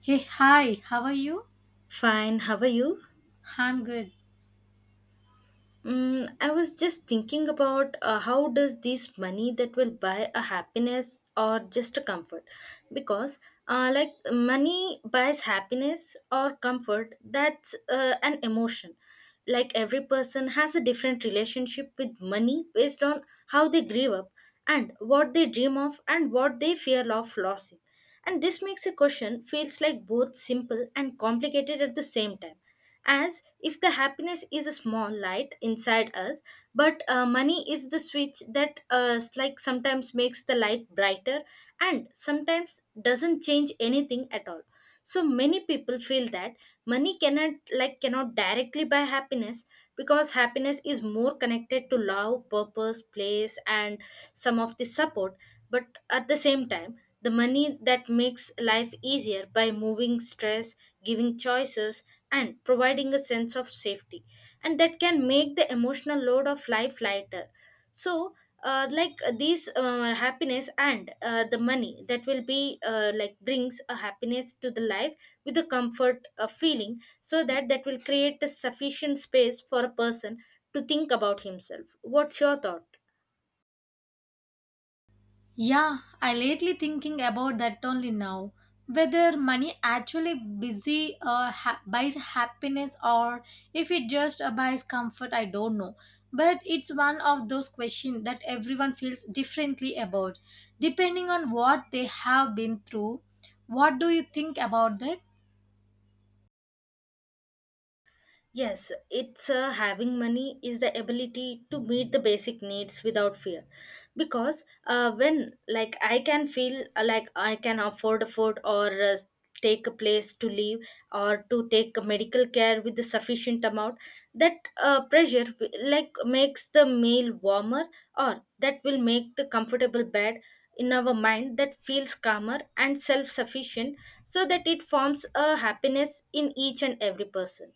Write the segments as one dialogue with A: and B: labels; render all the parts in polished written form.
A: Hey, hi, how are you?
B: Fine, how are you?
A: I'm good.
B: I was just thinking about how does this money that will buy a happiness or just a comfort? Because like money buys happiness or comfort, that's an emotion. Like every person has a different relationship with money based on how they grew up and what they dream of and what they fear of losing. And this makes a question feels like both simple and complicated at the same time, as if the happiness is a small light inside us, but money is the switch that like sometimes makes the light brighter and sometimes doesn't change anything at all. So many people feel that money cannot, like cannot directly buy happiness, because happiness is more connected to love, purpose, place, and some of the support. But at the same time, the money that makes life easier by moving stress, giving choices, and providing a sense of safety, and that can make the emotional load of life lighter. So like these happiness and the money that will be like brings a happiness to the life with a comfort feeling, so that will create a sufficient space for a person to think about himself. What's your thought?
A: Yeah, I lately thinking about that only now. Whether money actually busy buys happiness or if it just buys comfort, I don't know. But it's one of those questions that everyone feels differently about, depending on what they have been through. What do you think about that?
B: Yes, it's having money is the ability to meet the basic needs without fear. Because when like I can feel like I can afford food or take a place to live, or to take a medical care with the sufficient amount, that pressure like makes the meal warmer, or that will make the comfortable bed in our mind that feels calmer and self-sufficient, so that it forms a happiness in each and every person.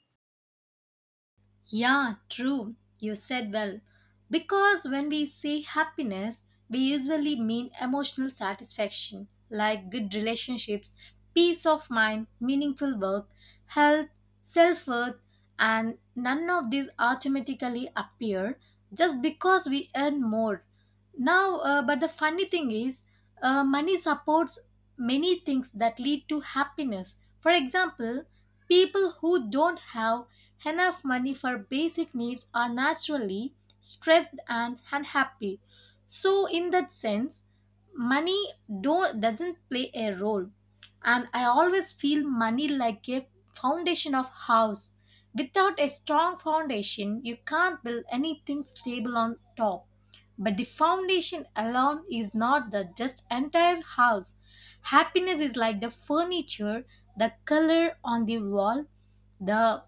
A: Yeah, true. You said well. Because when we say happiness, we usually mean emotional satisfaction, like good relationships, peace of mind, meaningful work, health, self worth, and none of these automatically appear just because we earn more. Now, but the funny thing is, money supports many things that lead to happiness. For example, people who don't have enough money for basic needs are naturally stressed and unhappy, so in that sense money don't doesn't play a role. And I always feel money like a foundation of house. Without a strong foundation you can't build anything stable on top, but the foundation alone is not the just entire house. Happiness is like the furniture, the color on the wall, the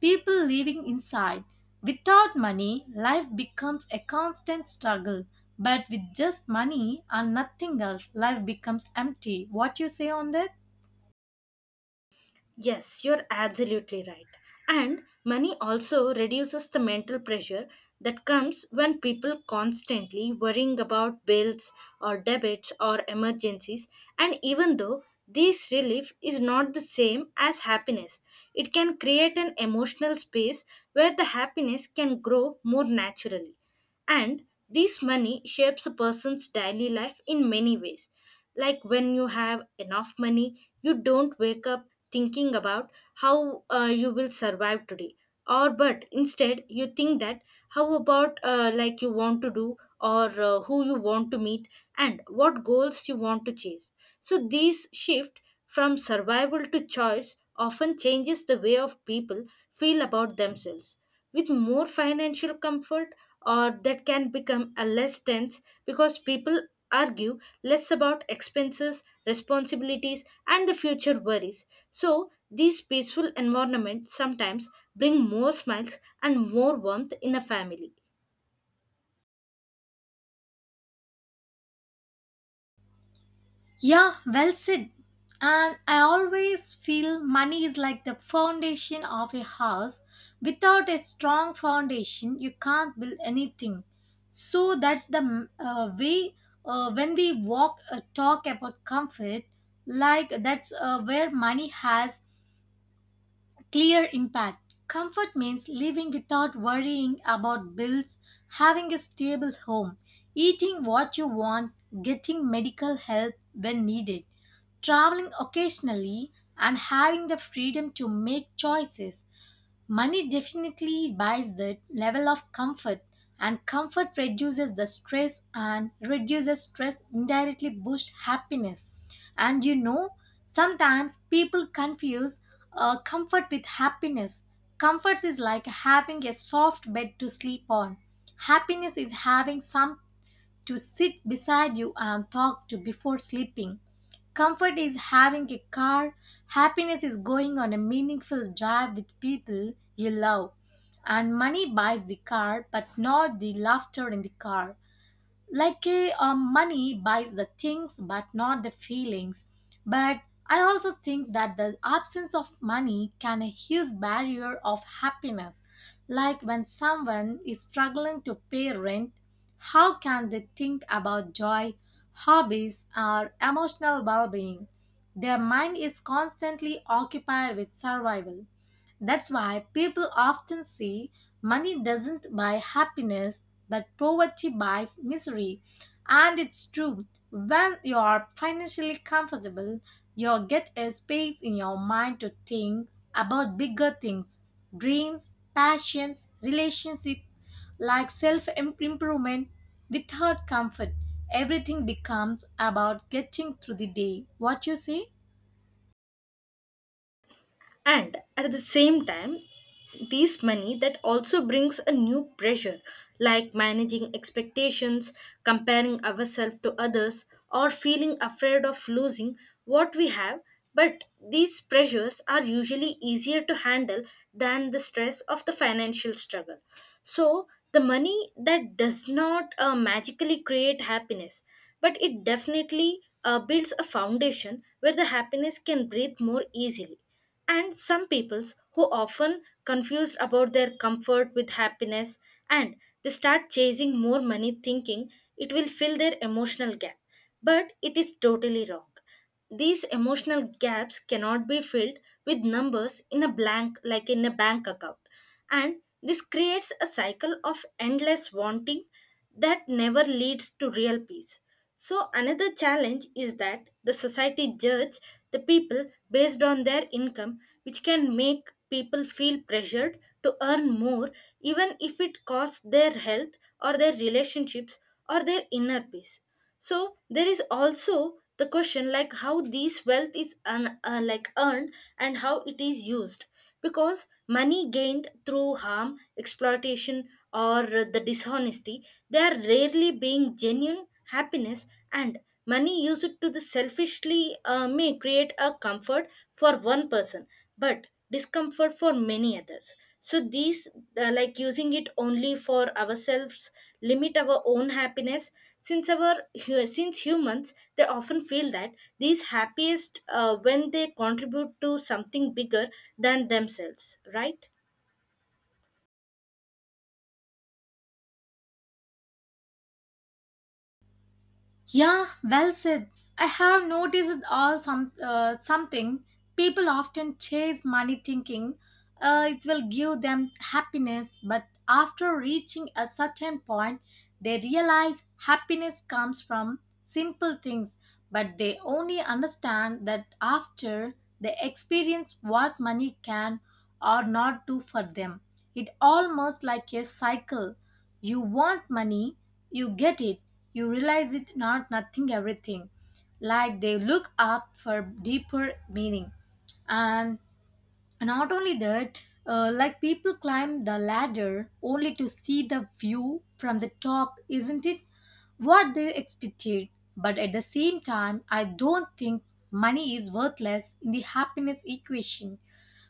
A: people living inside. Without money, life becomes a constant struggle. But with just money and nothing else, life becomes empty. What you say on that?
B: Yes, you're absolutely right. And money also reduces the mental pressure that comes when people constantly worrying about bills or debits or emergencies. And even though this relief is not the same as happiness, it can create an emotional space where the happiness can grow more naturally. And this money shapes a person's daily life in many ways. Like when you have enough money, you don't wake up thinking about how you will survive today, or but instead you think that how about like you want to do, or who you want to meet, and what goals you want to chase. So this shift from survival to choice often changes the way of people feel about themselves. With more financial comfort, or that can become a less tense because people argue less about expenses, responsibilities, and the future worries. So these peaceful environments sometimes bring more smiles and more warmth in a family.
A: Yeah, well said. And I always feel money is like the foundation of a house. Without a strong foundation, you can't build anything. So that's the way when we walk talk about comfort, like that's where money has clear impact. Comfort means living without worrying about bills, having a stable home, eating what you want, getting medical help when needed, traveling occasionally, and having the freedom to make choices. Money definitely buys the level of comfort, and comfort reduces the stress, and reduces stress indirectly boosts happiness. And you know, sometimes people confuse comfort with happiness. Comfort is like having a soft bed to sleep on. Happiness is having some to sit beside you and talk to before sleeping. Comfort is having a car, happiness is going on a meaningful drive with people you love. And money buys the car, but not the laughter in the car, like money buys the things but not the feelings. But I also think that the absence of money can a huge barrier of happiness, like when someone is struggling to pay rent, how can they think about joy, hobbies or emotional well-being? Their mind is constantly occupied with survival. That's why people often say money doesn't buy happiness, but poverty buys misery. And it's true, when you are financially comfortable, you get a space in your mind to think about bigger things, dreams, passions, relationships, like self improvement. Without comfort, everything becomes about getting through the day. What you say?
B: And at the same time, these money that also brings a new pressure, like managing expectations, comparing ourselves to others, or feeling afraid of losing what we have. But these pressures are usually easier to handle than the stress of the financial struggle. So the money that does not magically create happiness, but it definitely builds a foundation where the happiness can breathe more easily. And some peoples who often confused about their comfort with happiness, and they start chasing more money thinking it will fill their emotional gap, but it is totally wrong. These emotional gaps cannot be filled with numbers in a blank, like in a bank account, and this creates a cycle of endless wanting that never leads to real peace. So another challenge is that the society judge the people based on their income, which can make people feel pressured to earn more, even if it costs their health or their relationships or their inner peace. So there is also the question like how these wealth is like earned and how it is used, because money gained through harm, exploitation, or the dishonesty, they are rarely being genuine happiness. And money used to the selfishly may create a comfort for one person but discomfort for many others. So these like using it only for ourselves limit our own happiness, since since humans they often feel that these happiest when they contribute to something bigger than themselves, right?
A: Yeah, well said. I have noticed all something. People often chase money thinking it will give them happiness, but after reaching a certain point, they realize happiness comes from simple things, but they only understand that after they experience what money can or not do for them. It almost like a cycle. You want money, you get it, you realize it not nothing everything. Like they look up for deeper meaning. And not only that, like people climb the ladder only to see the view from the top, isn't it? What they expected. But at the same time, I don't think money is worthless in the happiness equation.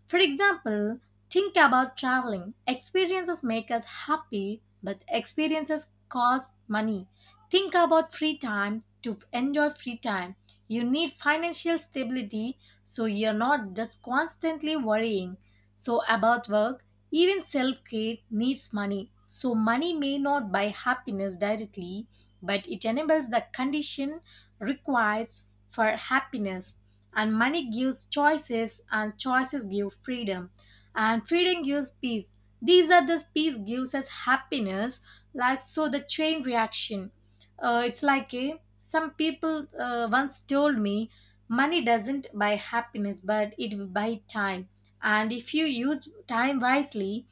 A: For example, think about traveling. Experiences make us happy, but experiences cost money. Think about free time. To enjoy free time, you need financial stability so you're not just constantly worrying. So, about work, even self care needs money. So, money may not buy happiness directly, but it enables the condition requires for happiness. And money gives choices, and choices give freedom, and freedom gives peace. These are the peace gives us happiness, like so the chain reaction. It's like a some people once told me money doesn't buy happiness but it will buy time, and if you use time wisely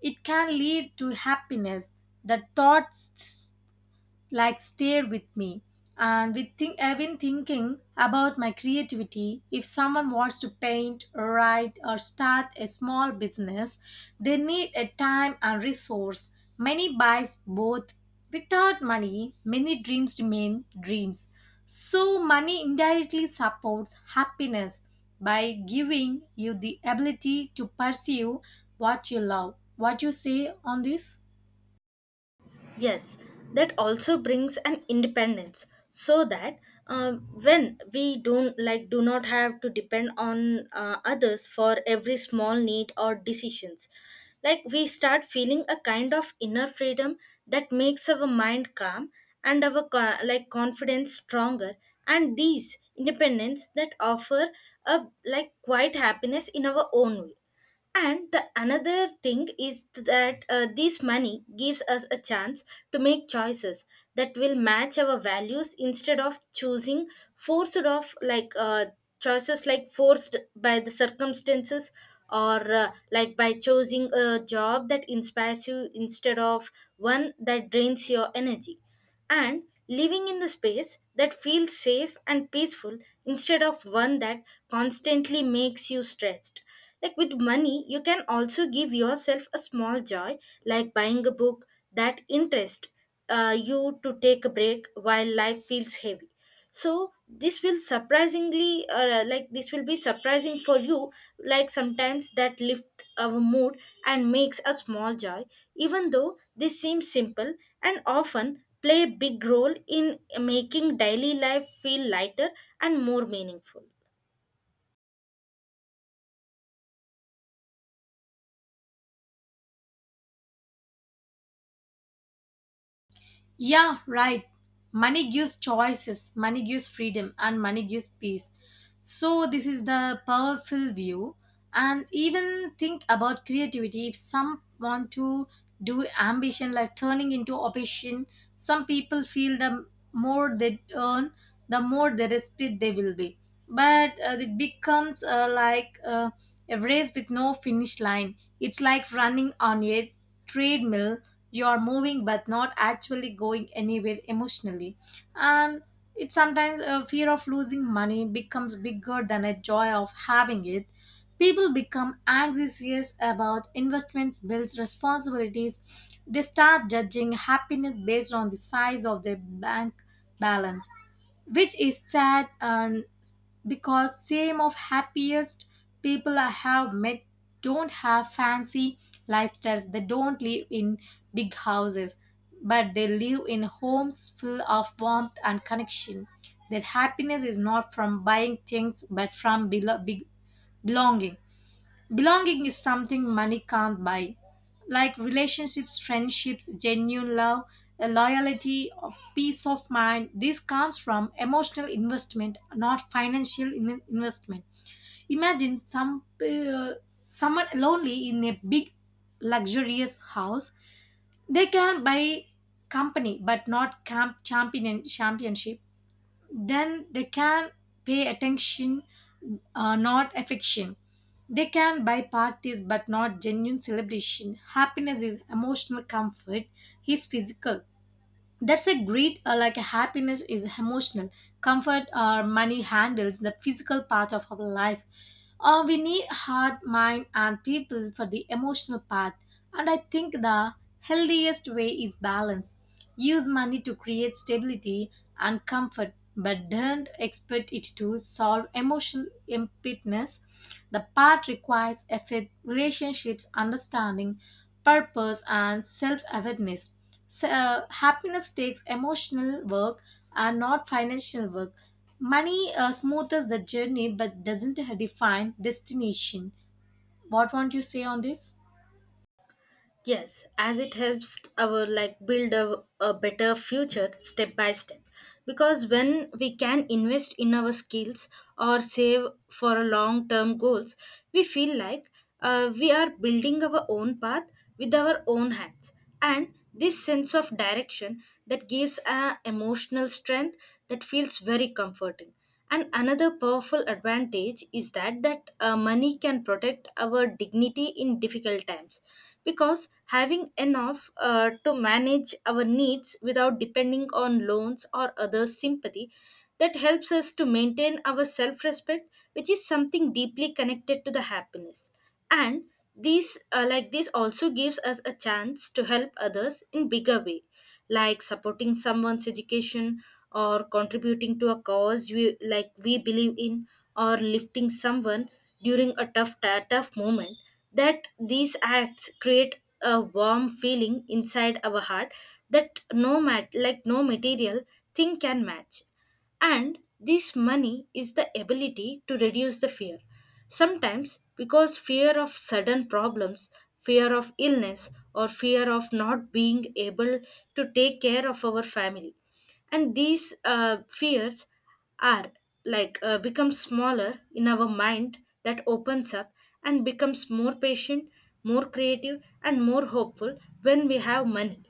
A: it can lead to happiness. The thoughts like stayed with me. And I've been thinking about my creativity. If someone wants to paint, write or start a small business, they need a time and resource. Many buys both. Without money many dreams remain dreams. So money indirectly supports happiness by giving you the ability to pursue what you love. What you say on this?
B: Yes, that also brings an independence, so that when we don't like do not have to depend on others for every small need or decisions, like we start feeling a kind of inner freedom that makes our mind calm and like confidence stronger. And these independence that offer a like quiet happiness in our own way. And the another thing is that this money gives us a chance to make choices that will match our values instead of choosing forced of like choices like forced by the circumstances, or like by choosing a job that inspires you instead of one that drains your energy, and living in the space that feels safe and peaceful instead of one that constantly makes you stressed. Like with money, you can also give yourself a small joy, like buying a book that interest you, to take a break while life feels heavy. So this will surprisingly, like this will be surprising for you. Like sometimes that lift our mood and makes a small joy, even though this seems simple and often play a big role in making daily life feel lighter and more meaningful.
A: Yeah, right. Money gives choices, money gives freedom, and money gives peace. So, this is the powerful view. And even think about creativity. If some want to do ambition, like turning into ambition, some people feel the more they earn, the more the respect they will be. But it becomes a race with no finish line. It's like running on a treadmill. You are moving but not actually going anywhere emotionally. And it sometimes a fear of losing money becomes bigger than a joy of having it. People become anxious about investments, bills, responsibilities. They start judging happiness based on the size of their bank balance, which is sad and because same of happiest people I have met don't have fancy lifestyles. They don't live in big houses, but they live in homes full of warmth and connection. Their happiness is not from buying things but from belonging. Belonging is something money can't buy, like relationships, friendships, genuine love, a loyalty, of peace of mind. This comes from emotional investment, not financial investment. Imagine uh, someone lonely in a big, luxurious house. They can buy company, but not camp champion championship. Then they can pay attention, not affection. They can buy parties but not genuine celebration. Happiness is emotional comfort, is physical. That's a great, like happiness is emotional. Comfort or money handles the physical part of our life. We need heart, mind, and people for the emotional part. And I think the healthiest way is balance. Use money to create stability and comfort, but don't expect it to solve emotional emptiness. The path requires effort, relationships, understanding, purpose, and self awareness. So, happiness takes emotional work and not financial work. Money smooths the journey but doesn't define destination. What won't you say on this?
B: Yes, as it helps our like build a better future step by step. Because when we can invest in our skills or save for a long term goals, we feel like we are building our own path with our own hands, and this sense of direction that gives a emotional strength that feels very comforting. And another powerful advantage is that money can protect our dignity in difficult times, because having enough to manage our needs without depending on loans or others sympathy, that helps us to maintain our self respect, which is something deeply connected to the happiness. And these like this also gives us a chance to help others in bigger way, like supporting someone's education, or contributing to a cause we like we believe in, or lifting someone during a tough moment, that these acts create a warm feeling inside our heart that no mat like no material thing can match. And this money is the ability to reduce the fear. Sometimes, because fear of sudden problems, fear of illness, or fear of not being able to take care of our family. And these fears are like become smaller in our mind that opens up and becomes more patient, more creative, and more hopeful when we have money.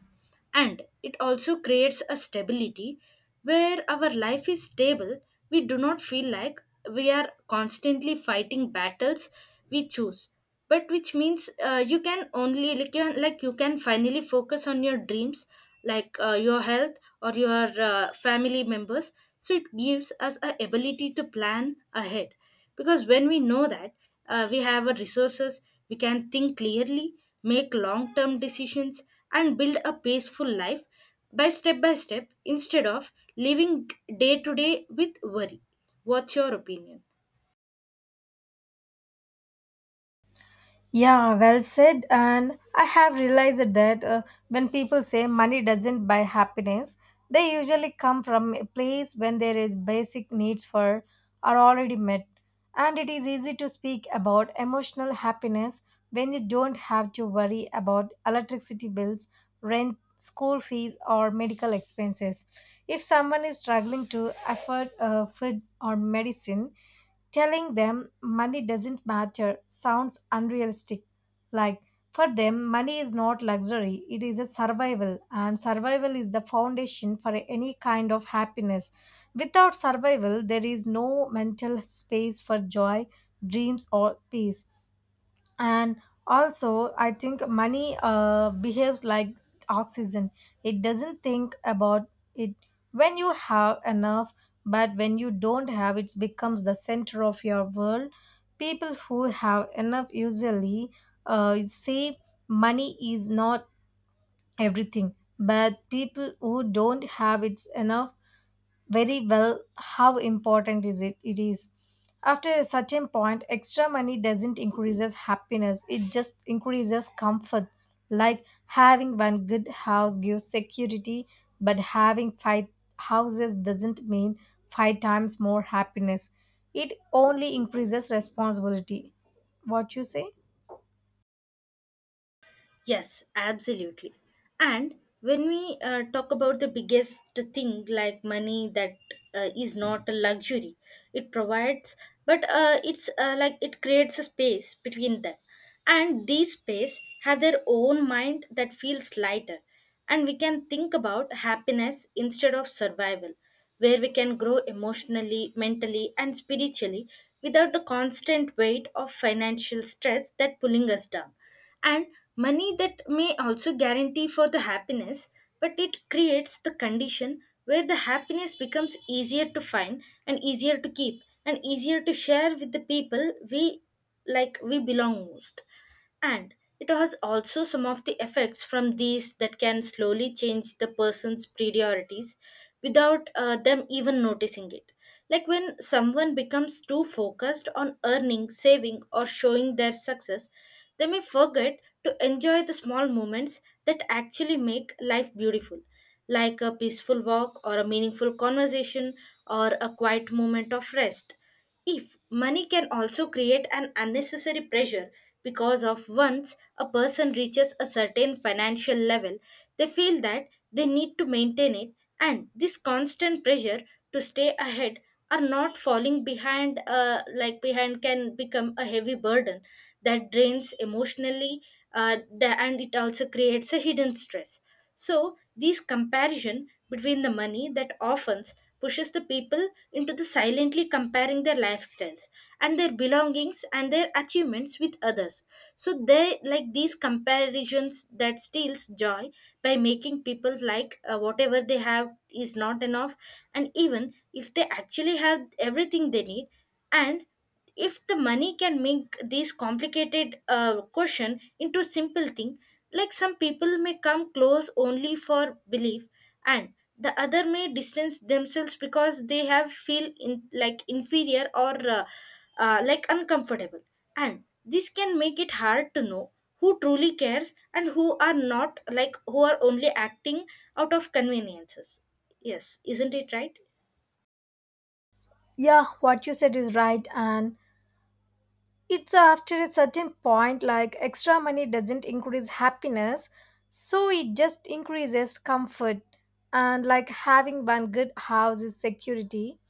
B: And it also creates a stability where our life is stable, we do not feel like we are constantly fighting battles we choose, but which means you can only like you can finally focus on your dreams, like your health, or your family members. So it gives us a ability to plan ahead, because when we know that we have a resources, we can think clearly, make long term decisions, and build a peaceful life by step instead of living day to day with worry. What's your opinion?
A: Yeah, well said. And I have realized that when people say money doesn't buy happiness, they usually come from a place when there is basic needs for are already met. And it is easy to speak about emotional happiness when you don't have to worry about electricity bills, rent, school fees, or medical expenses. If someone is struggling to afford food or medicine, telling them money doesn't matter sounds unrealistic. Like, for them, money is not luxury, it is a survival, and survival is the foundation for any kind of happiness. Without survival, there is no mental space for joy, dreams, or peace. And also I think money behaves like oxygen. It doesn't think about it when you have enough, but when you don't have, it becomes the center of your world. People who have enough usually say money is not everything, but people who don't have it's enough very well how important is it it is. After a certain point extra money doesn't increases happiness, it just increases comfort, like having one good house gives security, but having five houses doesn't mean five times more happiness, it only increases responsibility. What you say?
B: Yes, absolutely. And when we talk about the biggest thing like money, that is not a luxury, it provides, but it's like it creates a space between them. And these space have their own mind that feels lighter. And we can think about happiness instead of survival, where we can grow emotionally, mentally, and spiritually without the constant weight of financial stress that pulling us down. And money that may also guarantee for the happiness, but it creates the condition where the happiness becomes easier to find and easier to keep and easier to share with the people we like we belong most. And it has also some of the effects from these that can slowly change the person's priorities without them even noticing it. Like when someone becomes too focused on earning, saving, or showing their success, they may forget to enjoy the small moments that actually make life beautiful, like a peaceful walk, or a meaningful conversation, or a quiet moment of rest. If money can also create an unnecessary pressure, because of once a person reaches a certain financial level, they feel that they need to maintain it, and this constant pressure to stay ahead or not falling behind behind can become a heavy burden that drains emotionally. And it also creates a hidden stress. So this comparison between the money that often pushes the people into the silently comparing their lifestyles and their belongings and their achievements with others, so they like these comparisons that steals joy by making people like whatever they have is not enough, and even if they actually have everything they need. And if the money can make this complicated question into simple thing, like some people may come close only for belief, and the other may distance themselves because they have feel in, like inferior or like uncomfortable, and this can make it hard to know who truly cares and who are not, like who are only acting out of conveniences. Yes, isn't it right?
A: Yeah, what you said is right. And it's after a certain point, like extra money doesn't increase happiness, so it just increases comfort. And like having one good house is security.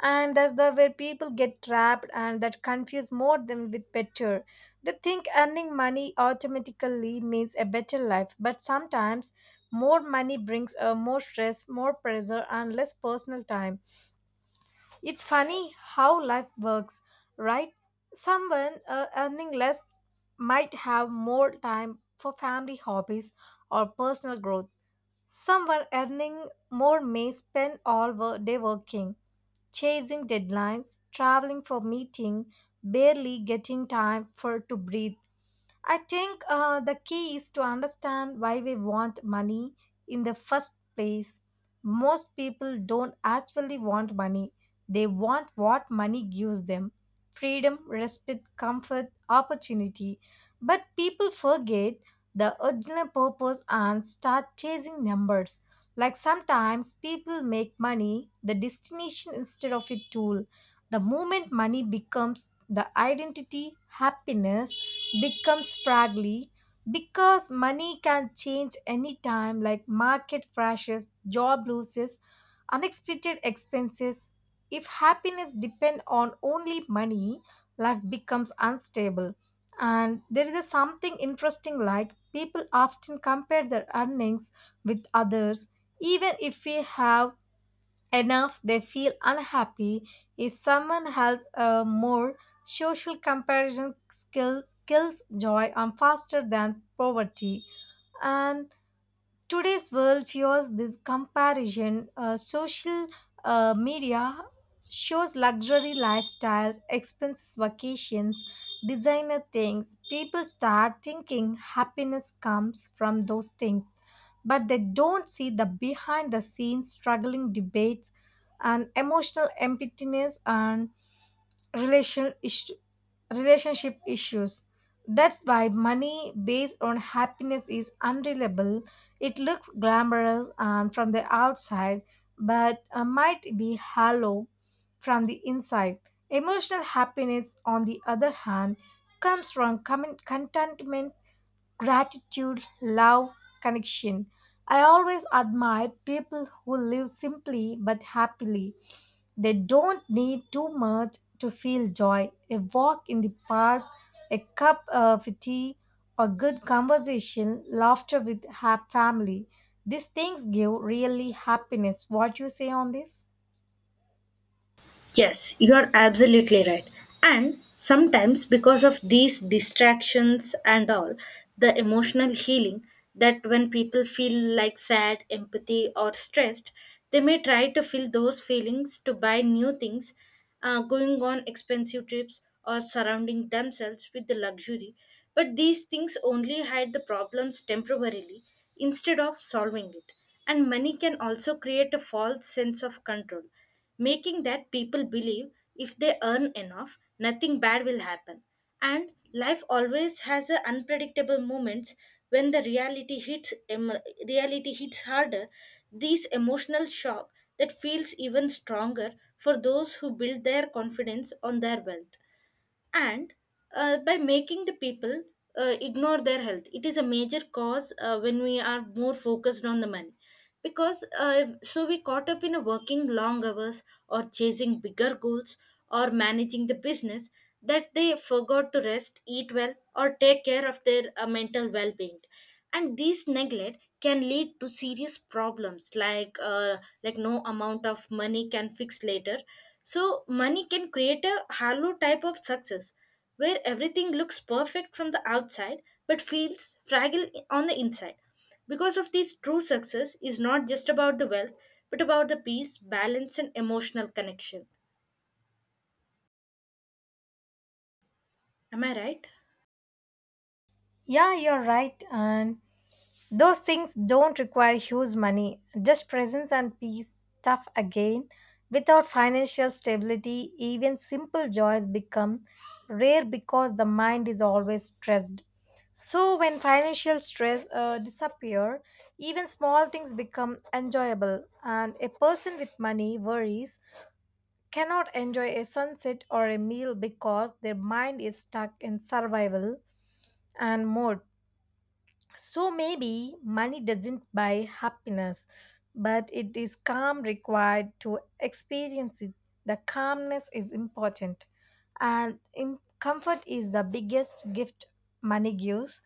A: And that's the where people get trapped and that confuse more than with better. They think earning money automatically means a better life, but sometimes more money brings a more stress, more pressure, and less personal time. It's funny how life works, right? Someone earning less might have more time for family hobbies or personal growth. Someone earning more may spend all day working, chasing deadlines, traveling for meeting, barely getting time for to breathe. I think the key is to understand why we want money in the first place. Most people don't actually want money, they want what money gives them, freedom, respect, comfort, opportunity. But people forget the original purpose and start chasing numbers. Like sometimes people make money the destination instead of a tool. The moment money becomes the identity, happiness becomes fragile, because money can change anytime like market crashes, job losses, unexpected expenses. If happiness depends on only money, life becomes unstable. And there is a something interesting, like people often compare their earnings with others. Even if we have enough they feel unhappy if someone has a more. Social comparison skills kills joy and faster than poverty. And today's world fuels this comparison. Social media shows luxury lifestyles, expensive vacations, designer things. People start thinking happiness comes from those things, but they don't see the behind the scenes struggling debates and emotional emptiness and relational ish- relationship issues. That's why money based on happiness is unreliable. It looks glamorous and from the outside, but might be hollow from the inside. Emotional happiness, on the other hand, comes from contentment, gratitude, love, connection. I always admire people who live simply but happily. They don't need too much to feel joy. A walk in the park, a cup of tea, or good conversation, laughter with family. These things give really happiness. What you say on this?
B: Yes, you are absolutely right. And sometimes, because of these distractions and all, the emotional healing that when people feel like sad, empathy, or stressed, they may try to fill those feelings to buy new things, going on expensive trips, or surrounding themselves with the luxury. But these things only hide the problems temporarily instead of solving it. And money can also create a false sense of control, making that people believe if they earn enough, nothing bad will happen. And life always has a unpredictable moments when the reality hits harder. This emotional shock that feels even stronger for those who build their confidence on their wealth. And by making the people ignore their health, it is a major cause when we are more focused on the money, because so we caught up in a working long hours, or chasing bigger goals, or managing the business, that they forgot to rest, eat well, or take care of their mental well-being. And this neglect can lead to serious problems like no amount of money can fix later. So money can create a hollow type of success where everything looks perfect from the outside but feels fragile on the inside. Because of this, true success is not just about the wealth, but about the peace, balance, and emotional connection. Am I right?
A: Yeah, you're right. And those things don't require huge money, just presence and peace. Tough again. Without financial stability, even simple joys become rare because the mind is always stressed. So when financial stress disappear, even small things become enjoyable, and a person with money worries cannot enjoy a sunset or a meal because their mind is stuck in survival and mode. So maybe money doesn't buy happiness, but it is calm required to experience it. The calmness is important, and in comfort is the biggest gift money gives.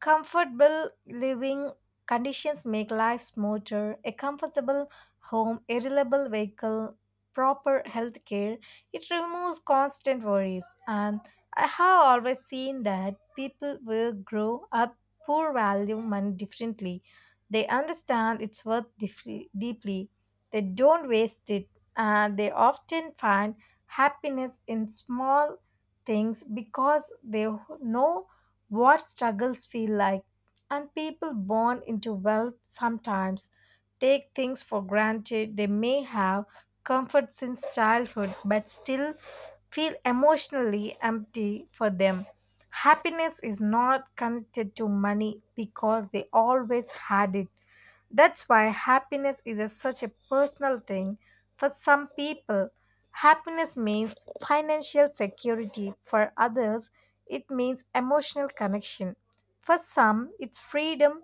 A: Comfortable living conditions make life smoother. A comfortable home, a reliable vehicle, proper health care, it removes constant worries. And I have always seen that people will grow up poor value money differently. They understand its worth deeply. They don't waste it, and they often find happiness in small things because they know what struggles feel like, and people born into wealth sometimes take things for granted. They may have comfort since childhood but still feel emotionally empty for them. Happiness is not connected to money because they always had it. That's why happiness is a, such a personal thing. For some people, happiness means financial security. For others, it means emotional connection. For some, it's freedom,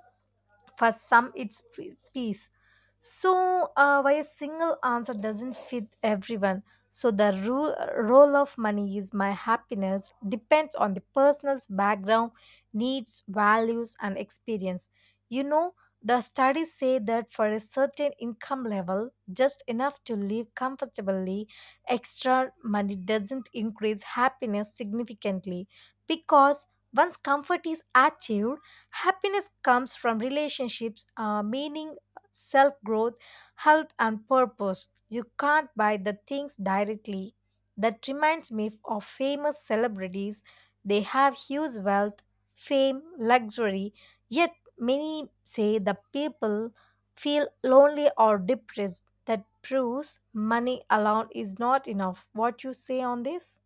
A: for some it's peace. So why a single answer doesn't fit everyone. So the role of money is my happiness depends on the person's background, needs, values and experience. You know, the studies say that for a certain income level just enough to live comfortably, extra money doesn't increase happiness significantly, because once comfort is achieved, happiness comes from relationships, meaning, self growth, health, and purpose. You can't buy the things directly. That reminds me of famous celebrities. They have huge wealth, fame, luxury, yet many say the people feel lonely or depressed. That proves money alone is not enough. What you say on this?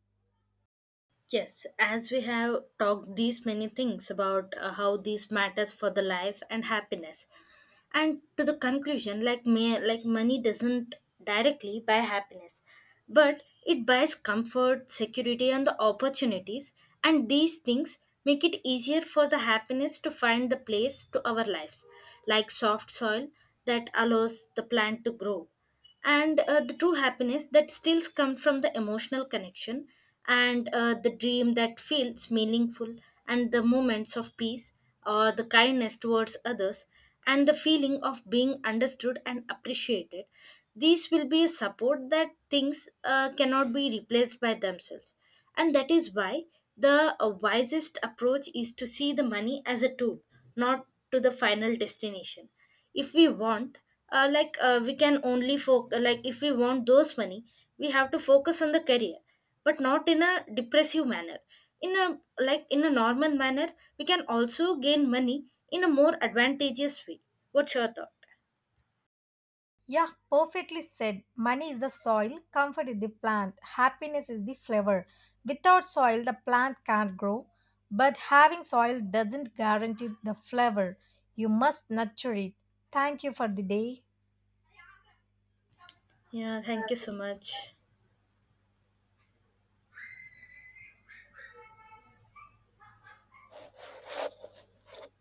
B: Yes, as we have talked these many things about how these matters for the life and happiness. And to the conclusion, like may, like money doesn't directly buy happiness, but it buys comfort, security, and the opportunities. And these things make it easier for the happiness to find the place to our lives, like soft soil that allows the plant to grow. And the true happiness that still comes from the emotional connection, and the dream that feels meaningful, and the moments of peace, or the kindness towards others, and the feeling of being understood and appreciated, these will be a support that things cannot be replaced by themselves. And that is why the wisest approach is to see the money as a tool, not to the final destination. If we want we can only focus like if we want those money, we have to focus on the career, but not in a depressive manner, in a like in a normal manner, we can also gain money in a more advantageous way. What's your thought?
A: Yeah, perfectly said. Money is the soil, comfort is the plant, happiness is the flower. Without soil, the plant can't grow, but having soil doesn't guarantee the flower. You must nurture it. Thank you for the day.
B: Yeah, thank you so much.